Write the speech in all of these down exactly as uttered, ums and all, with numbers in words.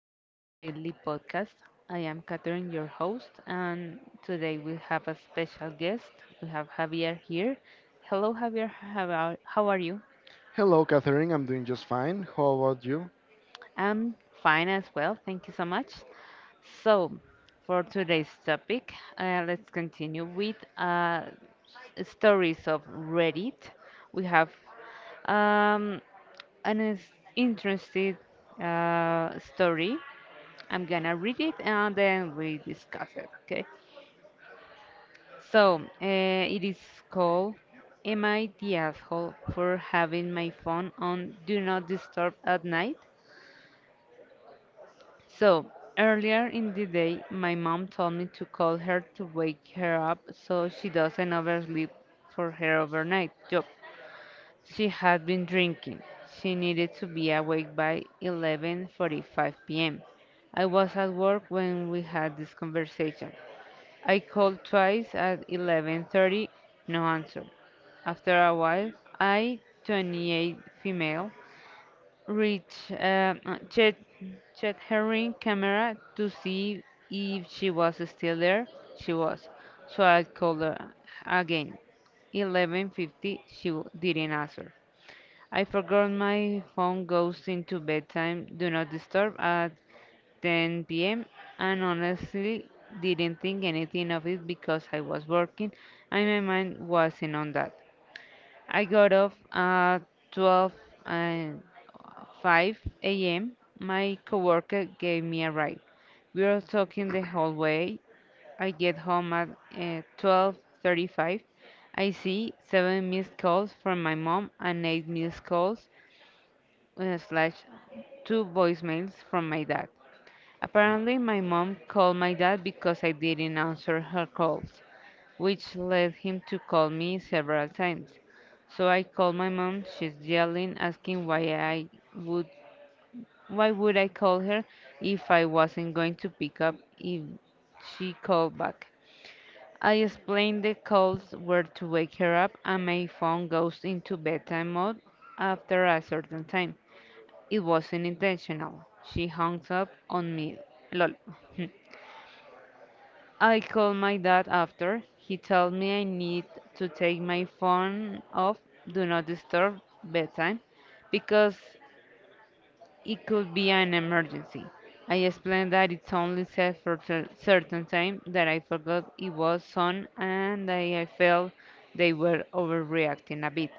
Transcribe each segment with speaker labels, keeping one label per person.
Speaker 1: this daily podcast. I am Catherine, your host, and today we have a special guest. We have Javier here. Hello, Javier. How are, how are you?
Speaker 2: Hello, Catherine. I'm doing just fine. How about you?
Speaker 1: I'm fine as well. Thank you so much. So, for today's topic, uh, let's continue with uh, s- stories of Reddit. We have um, an is- interesting uh, story. I'm gonna read it and then we discuss it, okay? So, uh, it is called Am I the asshole for having my phone on Do Not Disturb at night? So, earlier in the day, my mom told me to call her to wake her up so she doesn't oversleep for her overnight job. She had been drinking. She needed to be awake by eleven forty-five p m. I was at work when we had this conversation. I called twice at eleven thirty, no answer. After a while, I, twenty-eight female, reached uh, uh, checked, checked her ring camera to see if she was still there. She was. So I called her again. eleven fifty, she w- didn't answer. I forgot my phone goes into bedtime, do not disturb at ten p m and honestly didn't think anything of it because I was working and my mind wasn't on that. I got off at twelve and five a m. My coworker gave me a ride. We were talking the whole way. I get home at uh, twelve thirty-five. I see seven missed calls from my mom and eight missed calls uh, slash two voicemails from my dad. Apparently, my mom called my dad because I didn't answer her calls, which led him to call me several times. So I called my mom. She's yelling, asking why I would why would I call her if I wasn't going to pick up if she called back. I explained the calls were to wake her up and my phone goes into bedtime mode after a certain time. It wasn't intentional. She hung up on me. Lol. I called my dad after. He told me I need to take my phone off do not disturb bedtime because it could be an emergency. I explained that it's only set for cer- certain time that I forgot it was on and I, I felt they were overreacting a bit.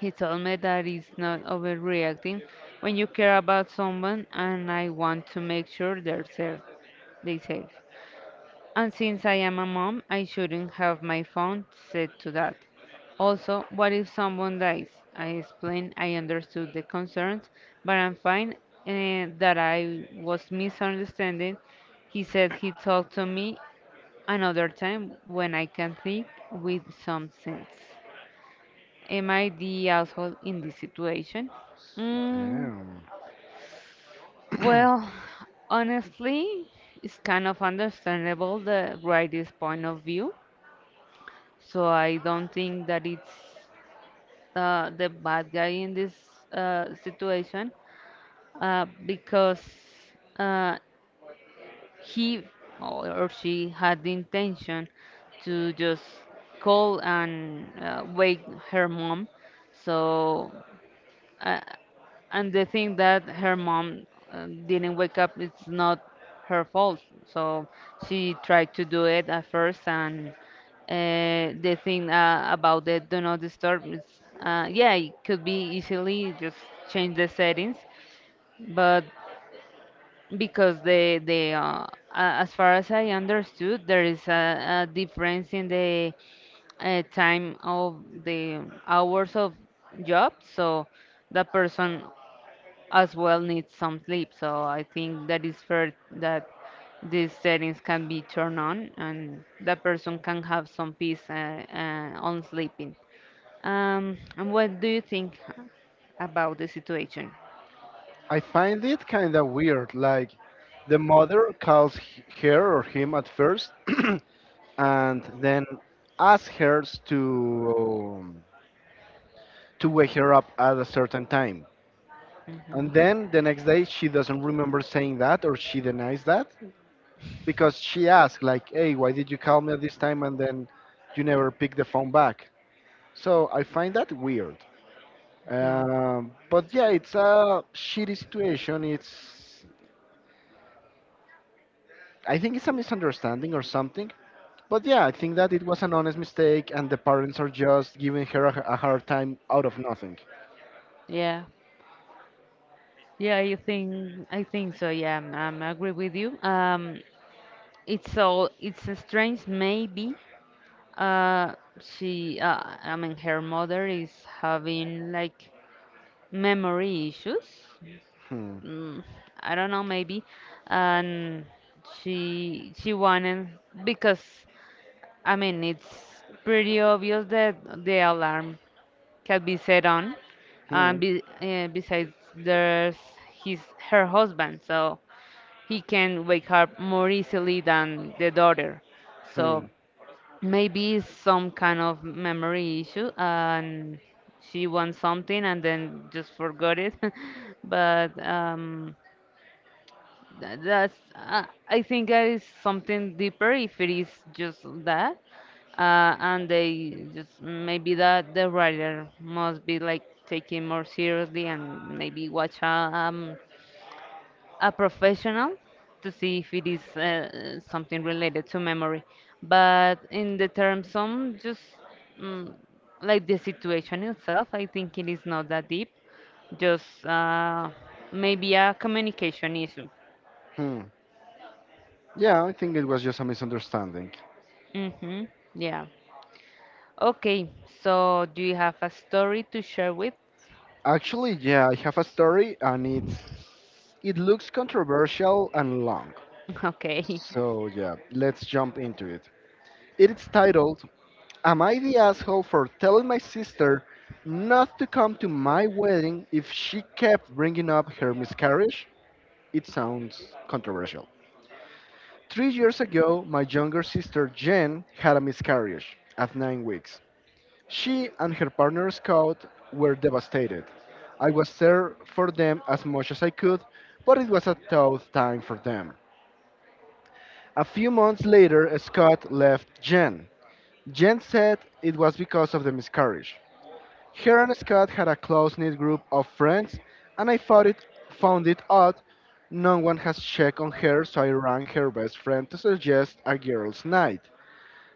Speaker 1: He told me that it's not overreacting when you care about someone and I want to make sure they're safe. They safe. And since I am a mom, I shouldn't have my phone set to that. Also, what if someone dies? I explained I understood the concerns, but I'm fine eh, that I was misunderstanding. He said he'd talk to me another time when I can think with some sense. Am I the asshole in this situation? Mm,
Speaker 2: Damn.
Speaker 1: well, honestly, it's kind of understandable the writer's point of view. So I don't think that it's uh, the bad guy in this uh, situation uh, because uh, he or or she had the intention to just call and uh, wake her mom. So. uh, and the thing that her mom uh, didn't wake up, it's not her fault. So she tried to do it at first, and uh, the thing uh, about the do not disturb is, uh, yeah, it could be easily just change the settings, but because the the uh, a- as far as I understood, there is a, a difference in the uh, time of the hours of job, so the person as well needs some sleep. So I think that is fair that these settings can be turned on and that person can have some peace uh, uh, on sleeping. Um, and what do you think about the situation?
Speaker 2: I find it kind of weird. Like, the mother calls h- her or him at first, and then asks her to um, to wake her up at a certain time.
Speaker 1: Mhm,
Speaker 2: And then the next day, she doesn't remember saying that, or she denies that because she asked, like, "Hey, why did you call me at this time?" And then you never pick the phone back. So I find that weird.
Speaker 1: mhm.
Speaker 2: Um, but yeah, it's a shitty situation. It's I think it's a misunderstanding or something. But yeah, I think that it was an honest mistake, and the parents are just giving her a, a hard time out of nothing.
Speaker 1: Yeah, yeah, I think I think so. Yeah, um, I agree with you. Um, it's all it's a strange maybe. Uh, she, uh, I mean, her mother is having like memory issues.
Speaker 2: Hmm.
Speaker 1: mm, I don't know, maybe. And she she wanted because I mean it's pretty obvious that the alarm can be set on, and
Speaker 2: Hmm.
Speaker 1: be, uh, besides there's his her husband, so he can wake her more easily than the daughter.
Speaker 2: Hmm.
Speaker 1: So maybe it's some kind of memory issue and she wants something and then just forgot it. But um, that, that's uh, I think that is something deeper if it is just that, uh, and they just maybe that the writer must be like taken more seriously and maybe watch a um, a professional to see if it is uh, something related to memory. But in the terms of just mm, like the situation itself, I think it is not that deep, just uh, maybe a communication issue.
Speaker 2: Hmm. Yeah, I think it was just a misunderstanding.
Speaker 1: Mm-hmm. Yeah. Okay. So, do you have a story to share with?
Speaker 2: Actually, yeah, I have a story, and it's it looks controversial and long.
Speaker 1: Okay.
Speaker 2: So yeah, let's jump into it. It's titled: Am I the asshole for telling my sister not to come to my wedding if she kept bringing up her miscarriage? It sounds controversial. Three years ago, my younger sister Jen had a miscarriage at nine weeks. She and her partner Scott were devastated. I was there for them as much as I could, but it was a tough time for them. A few months later, Scott left Jen. Jen said it was because of the miscarriage. Her and Scott had a close-knit group of friends, and I found it, found it odd no one has checked on her, so I rang her best friend to suggest a girls' night.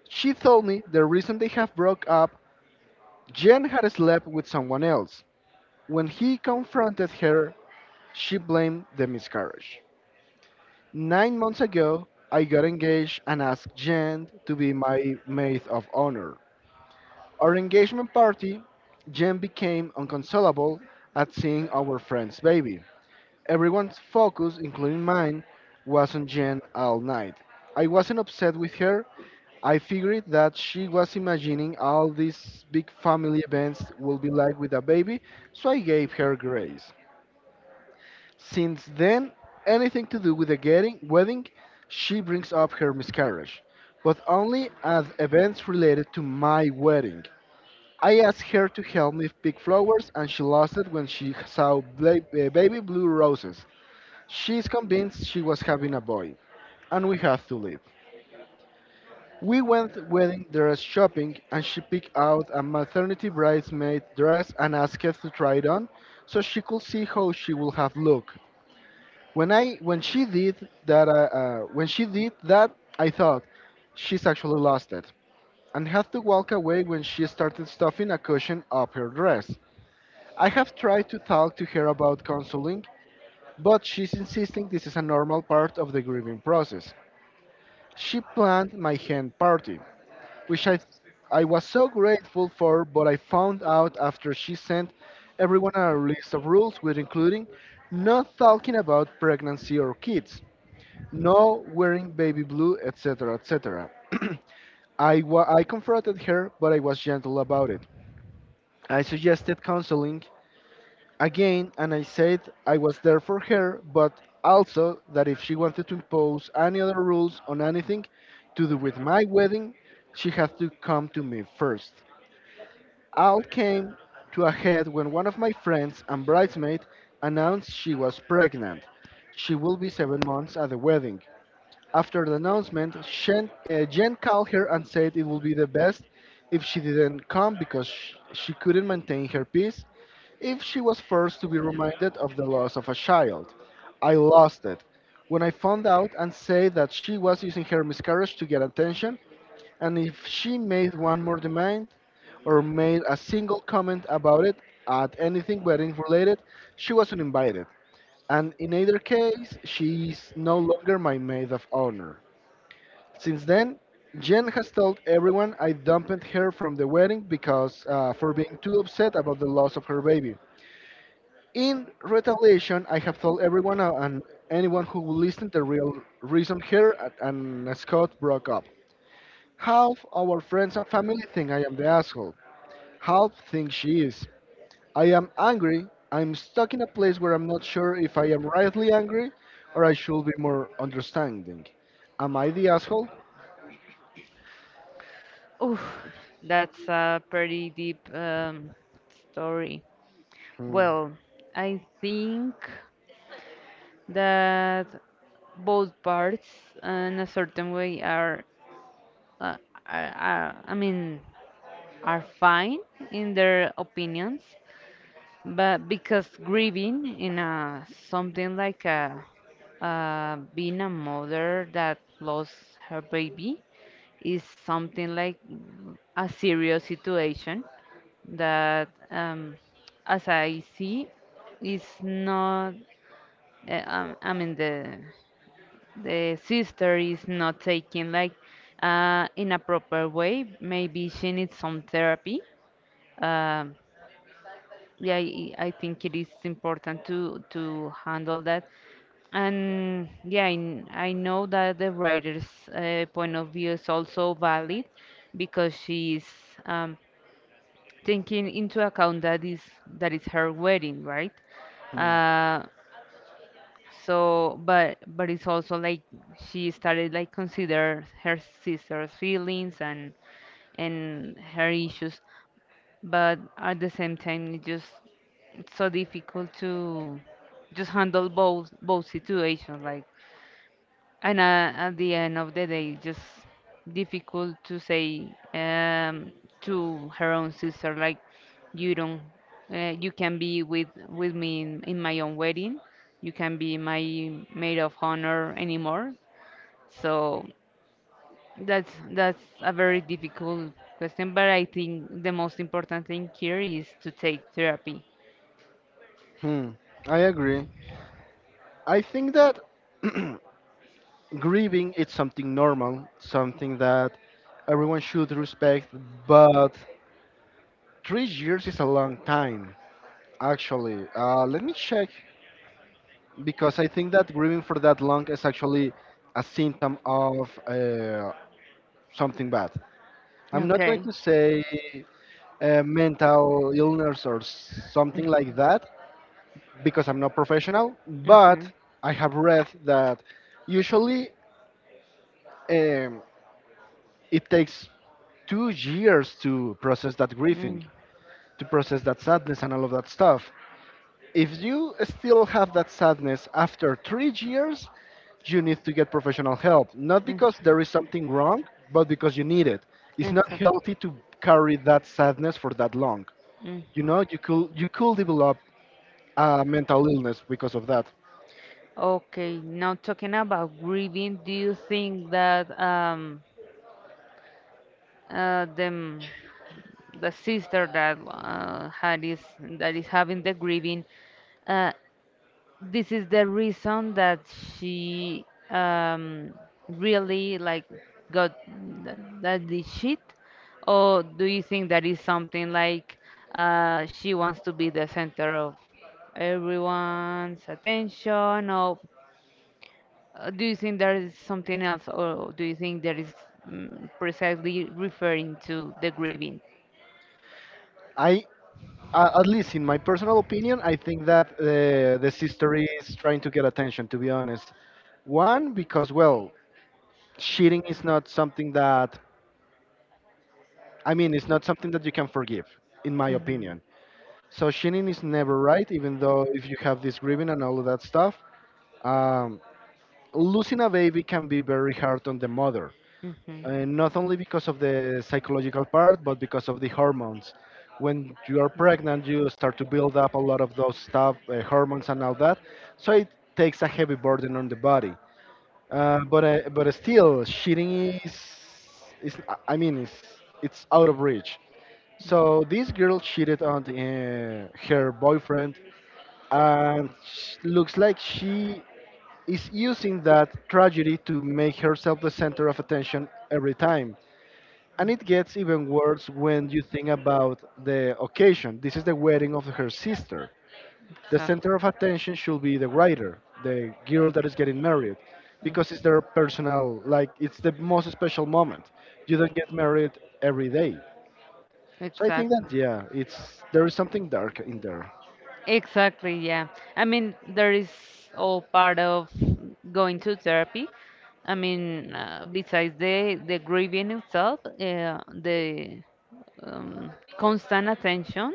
Speaker 2: She told me the reason they have broke up, Jen had slept with someone else. When he confronted her, she blamed the miscarriage. Nine months ago, I got engaged and asked Jen to be my maid of honor. Our engagement party, Jen became inconsolable at seeing our friend's baby. Everyone's focus, including mine, was on Jen all night. I wasn't upset with her. I figured that she was imagining all these big family events will be like with a baby, so I gave her grace. Since then, anything to do with the getting, wedding, she brings up her miscarriage, but only as events related to my wedding. I asked her to help me pick flowers, and she lost it when she saw bla- uh, baby blue roses. She's convinced she was having a boy, and we have to leave. We went wedding dress shopping, and she picked out a maternity bridesmaid dress and asked us to try it on, so she could see how she would have looked. When I when she did that, uh, uh, when she did that, I thought she's actually lost it, and had to walk away when she started stuffing a cushion up her dress. I have tried to talk to her about counseling, but she's insisting this is a normal part of the grieving process. She planned my hen party, which I, I was so grateful for, but I found out after she sent everyone a list of rules, with including not talking about pregnancy or kids, no wearing baby blue, et cetera, et cetera I, wa- I confronted her, but I was gentle about it. I suggested counseling again, and I said I was there for her, but also that if she wanted to impose any other rules on anything to do with my wedding, she had to come to me first. All came to a head when one of my friends and bridesmaid announced she was pregnant. She will be seven months at the wedding. After the announcement, Shen, uh, Jen called her and said it would be the best if she didn't come because sh- she couldn't maintain her peace if she was first to be reminded of the loss of a child. I lost it. When I found out and said that she was using her miscarriage to get attention, and if she made one more demand or made a single comment about it at anything wedding related, she was not invited. And in either case, she is no longer my maid of honor. Since then, Jen has told everyone I dumped her from the wedding because uh, for being too upset about the loss of her baby. In retaliation, I have told everyone uh, and anyone who will listen the real reason here a- and Scott broke up. Half our friends and family think I am the asshole. Half think she is. I am angry. I'm stuck in a place where I'm not sure if I am rightly angry or I should be more understanding. Am I the asshole?
Speaker 1: Oof, that's a pretty deep um, story.
Speaker 2: Hmm.
Speaker 1: Well, I think that both parts, in a certain way, are, uh, are, are I mean, are fine in their opinions. But because grieving in a something like a uh, being a mother that lost her baby is something like a serious situation that, um, as I see, is not. Uh, um, I mean the the sister is not taking like uh, in a proper way. Maybe she needs some therapy. Um yeah, I, I think it is important to to handle that. And yeah, I, I know that the writer's uh, point of view is also valid because she's um, taking into account that is that is her wedding, right?
Speaker 2: Hmm.
Speaker 1: Uh, so, but but it's also like she started like consider her sister's feelings and and her issues but at the same time it's just it's so difficult to just handle both both situations like and uh, at the end of the day it's just difficult to say um to her own sister like you don't uh, you can be with with me in, in my own wedding you can be my maid of honor anymore so that's that's a very difficult question, but I think the most important thing here is to take therapy.
Speaker 2: Hmm. I agree. I think that grieving is something normal, something that everyone should respect, but three years is a long time, actually. Uh, let me check, because I think that grieving for that long is actually a symptom of uh, something bad. I'm not going
Speaker 1: Okay.
Speaker 2: to say uh, mental illness or something like that, because I'm not professional, but
Speaker 1: Mm-hmm.
Speaker 2: I have read that usually. Um, it takes two years to process that grieving, to process that sadness and all of that stuff. If you still have that sadness after three years, you need to get professional help. Not because
Speaker 1: Mm-hmm.
Speaker 2: there is something wrong, but because you need it. It's not
Speaker 1: Exactly.
Speaker 2: healthy to carry that sadness for that long. You
Speaker 1: Mm-hmm.
Speaker 2: know, you could you could develop a mental illness because of that.
Speaker 1: Okay. Now talking about grieving, do you think that um uh the m- the sister that uh, had is that is having the grieving, uh this is the reason that she um, really like got that, that the shit or do you think that is something like uh, she wants to be the center of everyone's attention or uh, do you think there is something else or do you think there is mm, precisely referring to the grieving.
Speaker 2: I uh, At least in my personal opinion, I think that uh, the sister is trying to get attention. To be honest, one because well, cheating is not something that I mean, it's not something that you can forgive, in my
Speaker 1: Hmm.
Speaker 2: opinion. So cheating is never right, even though if you have this grieving and all of that stuff. Um, losing a baby can be very hard on the mother,
Speaker 1: Hmm.
Speaker 2: and not only because of the psychological part, but because of the hormones. When you are pregnant, you start to build up a lot of those stuff, uh, hormones and all that. So it takes a heavy burden on the body. Uh, but uh, but still, cheating is is I mean it's it's out of reach. So this girl cheated on uh, her boyfriend, and sh- looks like she is using that tragedy to make herself the center of attention every time, and it gets even worse when you think about the occasion. This is the wedding of her sister. The
Speaker 1: Exactly.
Speaker 2: center of attention should be the writer, the girl that is getting married,
Speaker 1: Mm,
Speaker 2: because it's their personal, like, it's the most special moment. You don't get married every day. So I think
Speaker 1: exactly.
Speaker 2: that, yeah, it's there is something dark in there.
Speaker 1: Exactly, yeah. I mean, there is all part of going to therapy. I mean, uh, besides the the grieving itself, uh, the um, constant attention.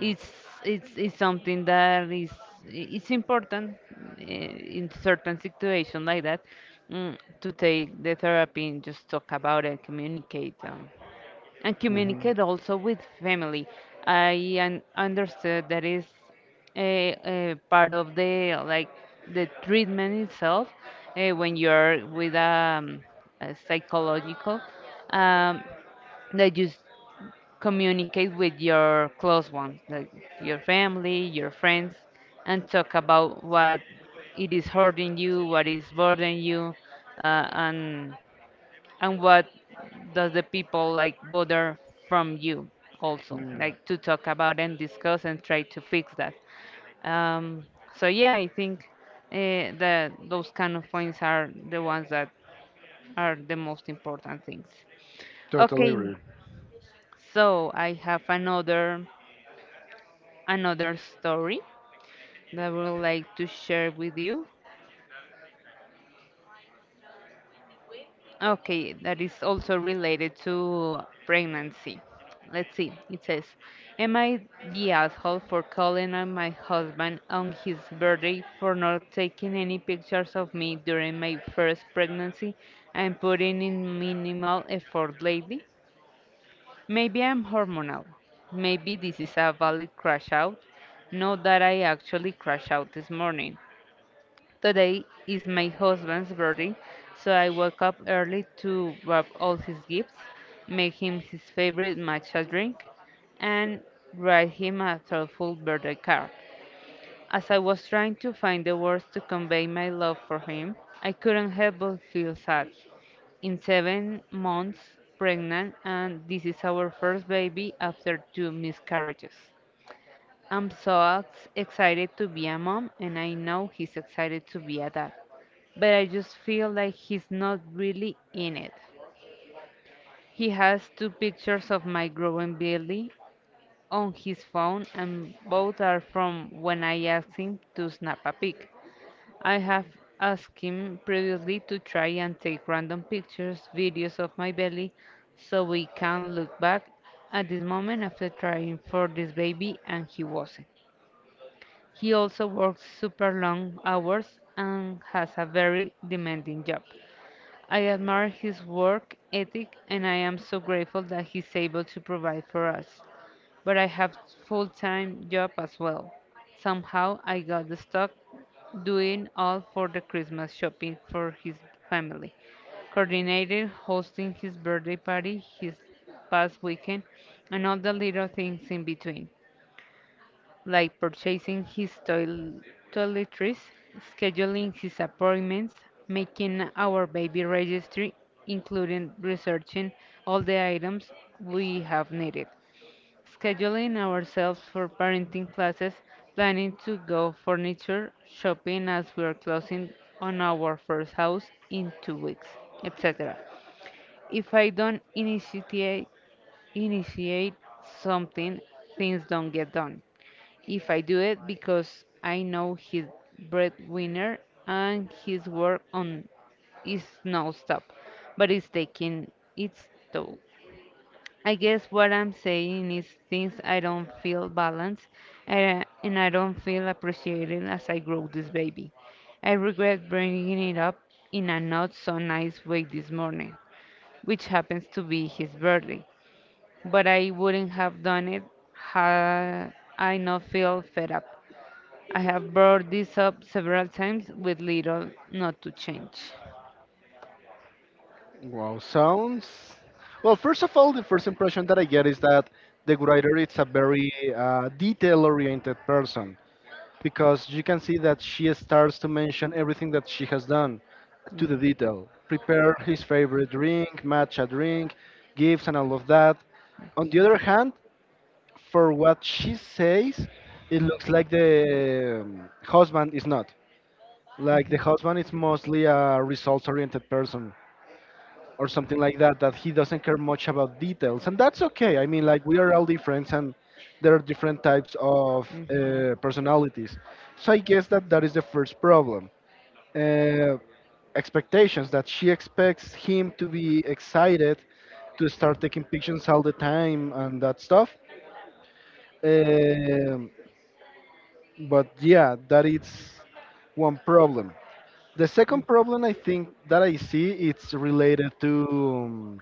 Speaker 1: It's it's it's something that is it's important uh, in certain situations like that, mm, to take the therapy and just talk about it, communicate. Um, and
Speaker 2: Hmm.
Speaker 1: communicate also with family. I un- understood that is a, a part of the like the treatment itself uh, when you're with um, a psychological um, that you s- communicate with your close ones, like your family, your friends, and talk about what it is hurting you, what is bothering you, uh, and and what does the people like bother from you also, like to talk about and discuss and try to fix that. Um, so yeah, I think uh, that those kind of points are the ones that are the most important things.
Speaker 2: Totally agree.
Speaker 1: Okay, so I have another another story that I would like to share with you. Okay, that is also related to pregnancy. Let's see. It says, Am I the asshole for calling on my husband on his birthday for not taking any pictures of me during my first pregnancy and putting in minimal effort lately? Maybe I'm hormonal. Maybe this is a valid crash out. Not that I actually crashed out this morning. Today is my husband's birthday, so I woke up early to wrap all his gifts, make him his favorite matcha drink, and write him a thoughtful birthday card. As I was trying to find the words to convey my love for him, I couldn't help but feel sad. In seven months, pregnant, and this is our first baby after two miscarriages. I'm so ex- excited to be a mom, and I know he's excited to be a dad but I just feel like he's not really in it. He has two pictures of my growing belly on his phone, and both are from when I asked him to snap a pic. I have asked him previously to try and take random pictures, videos of my belly, so we can look back at this moment after trying for this baby, and he wasn't. He also works super long hours and has a very demanding job. I admire his work ethic and I am so grateful that he's able to provide for us. But I have full-time job as well. Somehow I got stuck doing all for the Christmas shopping for his family. Coordinated hosting his birthday party his past weekend and all the little things in between like purchasing his toil- toiletries, scheduling his appointments, making our baby registry, including researching all the items we have needed, scheduling ourselves for parenting classes, planning to go furniture shopping as we are closing on our first house in two weeks, et cetera. If I don't initiate initiate something, things don't get done if I do it because I know he's breadwinner and his work on is no stop, but it's taking its toll. I guess what I'm saying is things I don't feel balanced and, and I don't feel appreciated as I grow this baby. I regret bringing it up in a not so nice way this morning, which happens to be his birthday, but I wouldn't have done it had I not feel fed up. I have brought this up several times with little not to change.
Speaker 2: Wow, sounds. Well, first of all, the first impression that I get is that the writer is a very uh, detail-oriented person, because you can see that she starts to mention everything that she has done to the
Speaker 1: Mm,
Speaker 2: detail. Prepare his favorite drink, match a drink, gifts, and all of that. On the other hand, for what she says, it looks like the um, husband is not. Like the
Speaker 1: mhm,
Speaker 2: husband is mostly a results oriented person or something like that, that he doesn't care much about details, and that's okay. I mean, like, we are all different, and there are different types of
Speaker 1: mhm,
Speaker 2: uh, personalities. So I guess that that is the first problem. uh, Expectations that she expects him to be excited to start taking pictures all the time and that stuff. um, but yeah, that is one problem. The
Speaker 1: mm,
Speaker 2: second problem, I think that I see it's related to um,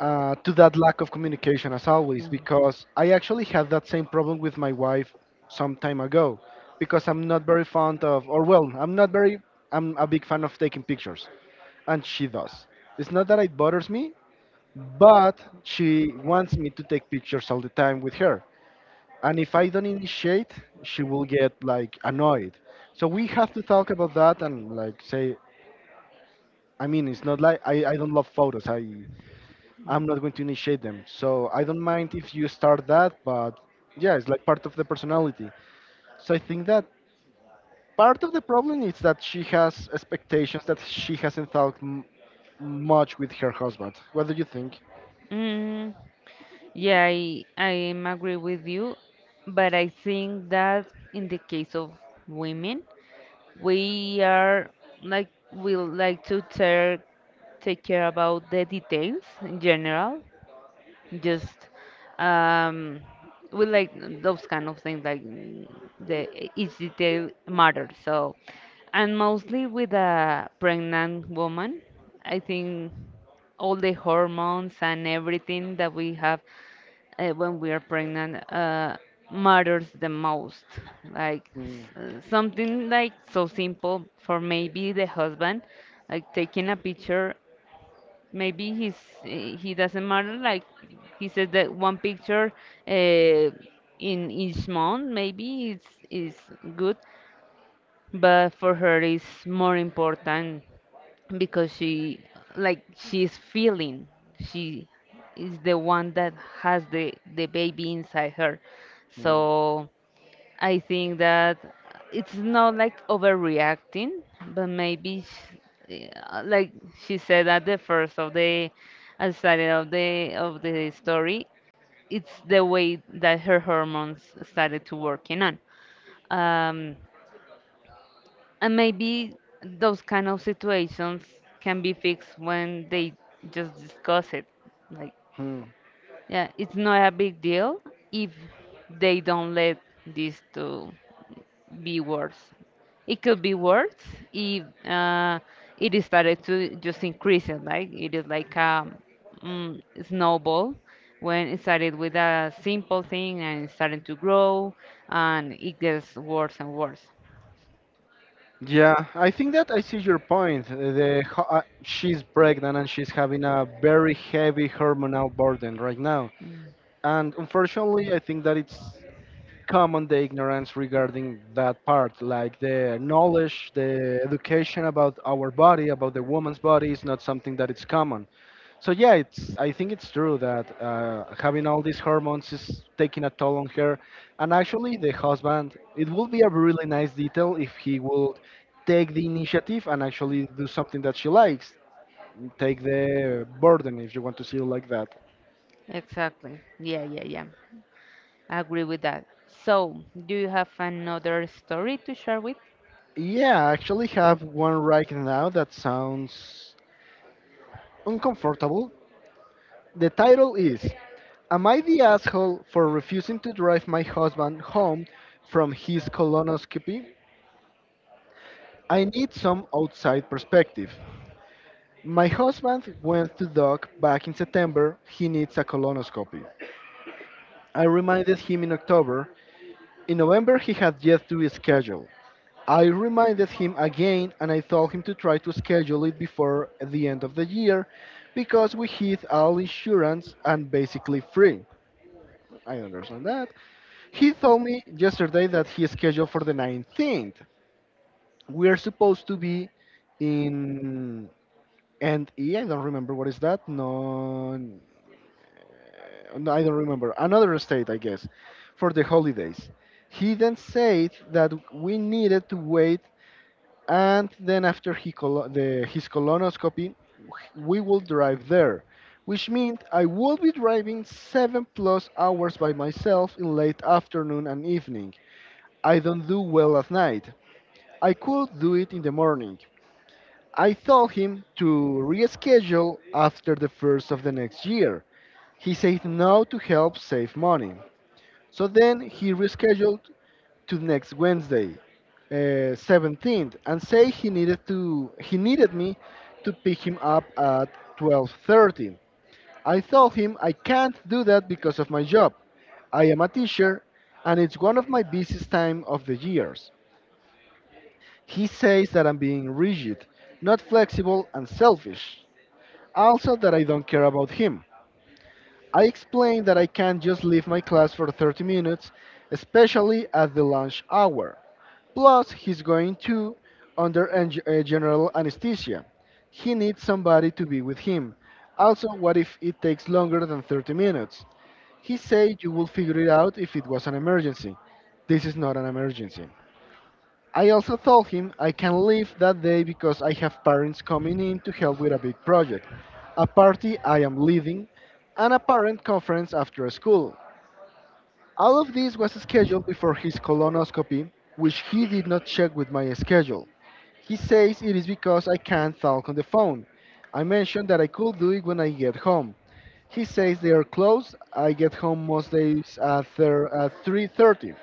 Speaker 2: uh, to that lack of communication as always,
Speaker 1: mm.
Speaker 2: because I actually had that same problem with my wife some time ago, because I'm not very fond of, or well, I'm not very I'm a big fan of taking pictures, and she does. It's not that it bothers me, but she wants me to take pictures all the time with her. And if I don't initiate, she will get like annoyed. So we have to talk about that and like say I mean it's not like I, I don't love photos. I I'm not going to initiate them. So I don't mind if you start that, but yeah, it's like part of the personality. So I think that part of the problem is that she has expectations that she hasn't talked m- much with her husband. What do you think?
Speaker 1: Mm, Yeah, I, I am agree with you, but I think that in the case of women, we are like we like to take take care about the details in general just um, we like those kind of things like mm, the e- each detail matters. So, and mostly with a pregnant woman, I think all the hormones and everything that we have uh, when we are pregnant uh, matters the most. Like
Speaker 2: Hmm.
Speaker 1: s- something like so simple for maybe the husband, like taking a picture maybe he's he doesn't matter like he says that one picture uh, in each month maybe it's is good but for her it's more important because she like she's feeling she is the one that has the the baby inside her.
Speaker 2: Hmm.
Speaker 1: So I think that it's not like overreacting, but maybe sh- uh, like she said at the first of the at started of the of the story, it's the way that her hormones started to working on. Um, and maybe those kind of situations can be fixed when they just discuss it. Like,
Speaker 2: Hmm.
Speaker 1: yeah, it's not a big deal if they don't let these two be worse. It could be worse if uh, it is started to just increase it, like it is like a mm, snowball when it started with a simple thing and it's starting to grow and it gets worse and worse.
Speaker 2: Yeah, I think that I see your point. The ho- uh, she's pregnant and she's having a very heavy hormonal burden right now, and unfortunately, I think that it's common the ignorance regarding that part, like the knowledge, the education about our body, about the woman's body is not something that it's common. So yeah, it's, I think it's true that uh, having all these hormones is taking a toll on her. And actually the husband, it would be a really nice detail if he would take the initiative and actually do something that she likes, take the burden if you want to see it like that.
Speaker 1: Exactly. Yeah, yeah, yeah, I agree with that. So, do you have another story to share with?
Speaker 2: Yeah, I actually have one right now that sounds uncomfortable. The title is, Am I the Asshole for Refusing to Drive My Husband Home from His Colonoscopy? I Need Some Outside Perspective. My husband went to doc back in September. He needs a colonoscopy. I reminded him in October. In November, he had yet to schedule. I reminded him again and I told him to try to schedule it before the end of the year because we hit all insurance and basically free. I understand that. He told me yesterday that he is scheduled for the nineteenth. We are supposed to be in and E. I don't remember what is that. No, uh, no, I don't remember. Another state, I guess, for the holidays. He then said that we needed to wait, and then after he colo- the, his colonoscopy, we will drive there, which means I will be driving seven plus hours by myself in late afternoon and evening. I don't do well at night. I could do it in the morning. I told him to reschedule after the first of the next year. He said no to help save money. So then he rescheduled to next Wednesday, uh, seventeenth, and say he needed to he needed me to pick him up at twelve thirty. I told him I can't do that because of my job. I am a teacher and it's one of my busiest time of the years. He says that I'm being rigid, not flexible, and selfish. Also, that I don't care about him. I explain that I can't just leave my class for thirty minutes, especially at the lunch hour. Plus, he's going to under en- uh, general anesthesia. He needs somebody to be with him. Also, what if it takes longer than thirty minutes? He said you will figure it out if it was an emergency. This is not an emergency. I also told him I can leave that day because I have parents coming in to help with a big project, a party I am leading, and a parent conference after school. All of this was scheduled before his colonoscopy, which he did not check with my schedule. He says it is because I can't talk on the phone. I mentioned that I could do it when I get home. He says they are closed. I get home most days at thir- at three thirty.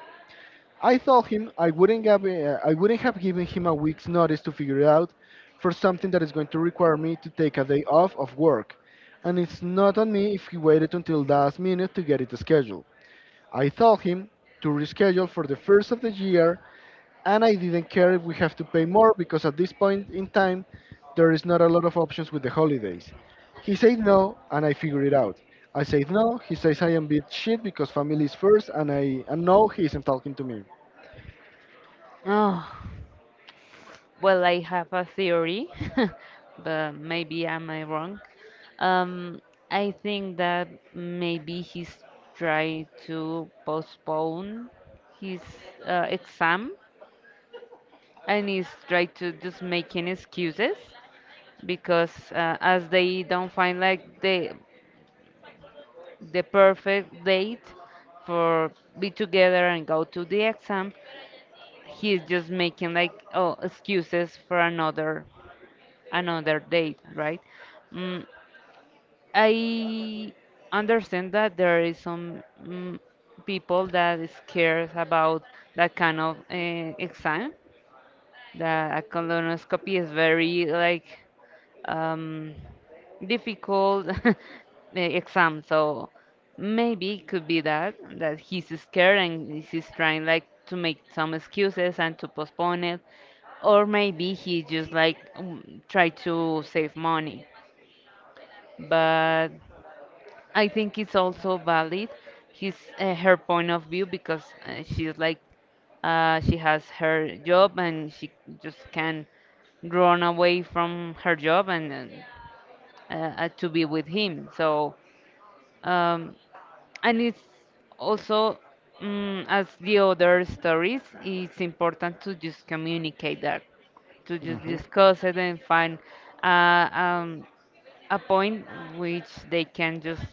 Speaker 2: I told him I wouldn't have uh, I wouldn't have given him a week's notice to figure it out for something that is going to require me to take a day off of work, and it's not on me if he waited until the last minute to get it scheduled. I told him to reschedule for the first of the year, and I didn't care if we have to pay more because at this point in time there is not a lot of options with the holidays. He said no, and I figured it out. I said no. He says I am bit shit because family is first, and I and no, he isn't talking to me.
Speaker 1: Oh. Well, I have a theory, but maybe am I wrong? Um, I think that maybe he's trying to postpone his uh, exam and he's trying to just making excuses because uh, as they don't find like the the perfect date for be together and go to the exam, he's just making like oh excuses for another another date, right? Mm, I understand that there is some mm, people that is scared about that kind of uh, exam. That a colonoscopy is very like um, difficult uh, exam, so maybe it could be that that he's scared and he's trying like to make some excuses and to postpone it, or maybe he just like mm, try to save money, but I think it's also valid his uh, her point of view because uh, she's like uh, she has her job and she just can run away from her job and uh, uh, to be with him. So um, and it's also mm as the other stories, it's important to just communicate that, to just discuss it and find uh, um, a point which they can just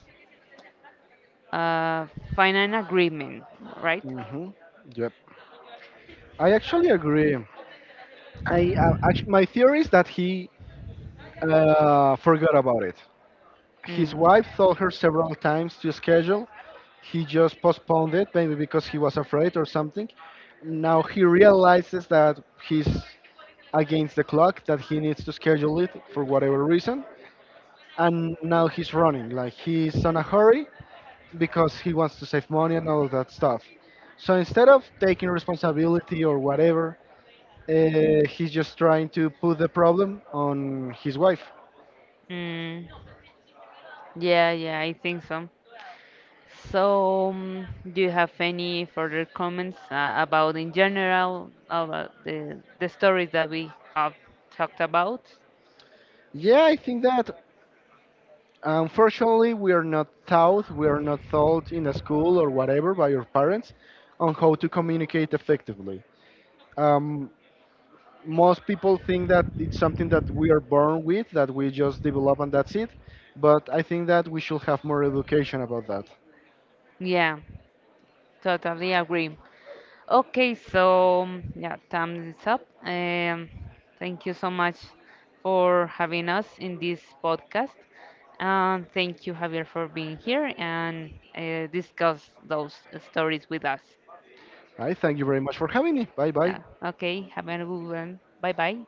Speaker 1: uh, find an agreement, right?
Speaker 2: Hmm. Yep. I actually agree. I, uh, actually, my theory is that he uh, forgot about it. His
Speaker 1: Mm.
Speaker 2: wife told her several times to schedule. He just postponed it, maybe because he was afraid or something. Now he realizes that he's against the clock, that he needs to schedule it for whatever reason. And now he's running, like he's on a hurry because he wants to save money and all that stuff. So instead of taking responsibility or whatever, uh, he's just trying to put the problem on his wife.
Speaker 1: Mm. Yeah, yeah, I think so. So, um, do you have any further comments uh, about, in general, about the the stories that we have talked about?
Speaker 2: Yeah, I think that unfortunately we are not taught, we are not taught in a school or whatever by your parents on how to communicate effectively. Um, Most people think that it's something that we are born with, that we just develop and that's it. But I think that we should have more education about that.
Speaker 1: Yeah, totally agree. Okay, so mm, yeah, time is up. Um, thank you so much for having us in this podcast. And thank you, Javier, for being here and uh, discuss those stories with us.
Speaker 2: All right, thank you very much for having me. Bye
Speaker 1: Yeah.
Speaker 2: bye.
Speaker 1: Okay, have a good one. Bye bye.